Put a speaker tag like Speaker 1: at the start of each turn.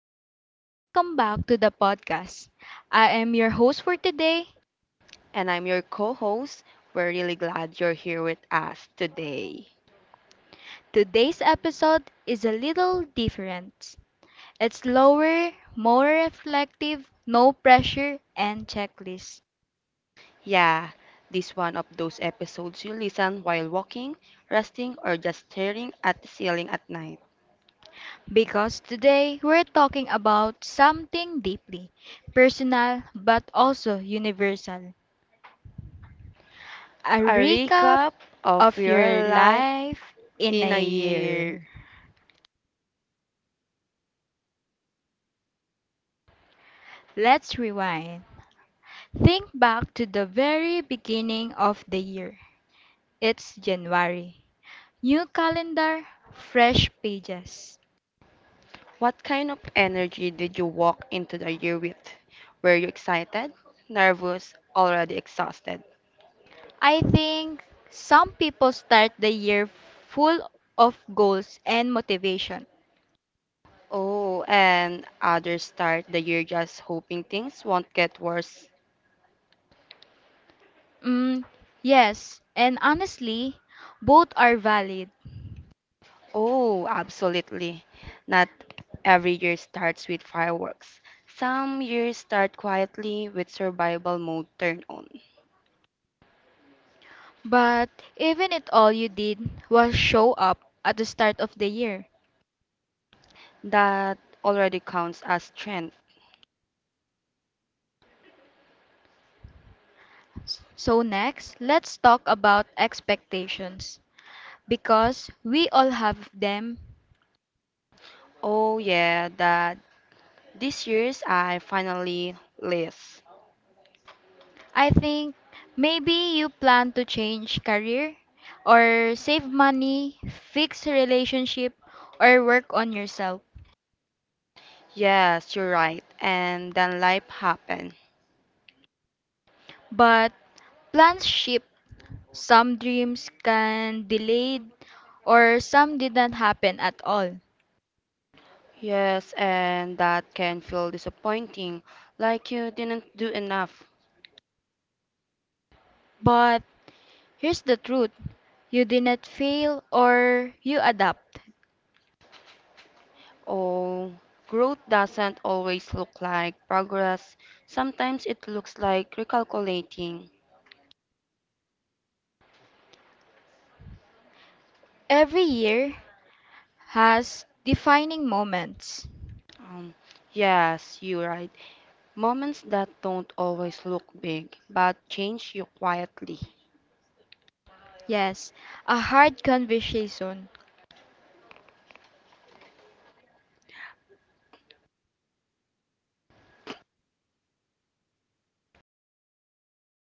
Speaker 1: everyone, and welcome back to the podcast. I am your host for today.
Speaker 2: And I'm your co host. We're really glad you're here with us today.
Speaker 1: Today's episode is a little different. It's slower, more reflective, no pressure, and checklist.
Speaker 2: Yeah, this one of those episodes you listen while walking, resting, or just staring at the ceiling at night.
Speaker 1: Because today we're talking about something deeply personal but also universal, a
Speaker 2: A
Speaker 1: recap
Speaker 2: recap
Speaker 1: of
Speaker 2: of
Speaker 1: your
Speaker 2: your life
Speaker 1: life in
Speaker 2: in a
Speaker 1: a
Speaker 2: year.
Speaker 1: year. Let's rewind. Think back to the very beginning of the year. It's January. New calendar, fresh pages.
Speaker 2: What kind of energy did you walk into the year with? Were you excited, nervous, already exhausted?
Speaker 1: I think some people start the year full of goals and motivation.
Speaker 2: Oh, and others start the year just hoping things won't get worse.
Speaker 1: Mm, yes, and honestly, both are valid.
Speaker 2: Oh, absolutely. Not every year starts with fireworks. Some years start quietly with survival mode turned on.
Speaker 1: But even if all you did was show up at the start of the year.
Speaker 2: That already counts as strength.
Speaker 1: So, next, let's talk about expectations because we all have them.
Speaker 2: Oh yeah, that this year's I finally list.
Speaker 1: I think maybe you plan to change career or save money, fix relationship or work on yourself.
Speaker 2: Yes, you're right. And then life happened.
Speaker 1: But plans shift. Some dreams can delayed or some didn't happen at all.
Speaker 2: Yes, and that can feel disappointing, like you didn't do enough.
Speaker 1: But here's the truth. You did not fail or you adapt.
Speaker 2: Oh, growth doesn't always look like progress. Sometimes it looks like recalculating.
Speaker 1: Every year has defining moments.
Speaker 2: Um, yes, you're right. Moments that don't always look big, but change you quietly.
Speaker 1: Yes, a hard conversation,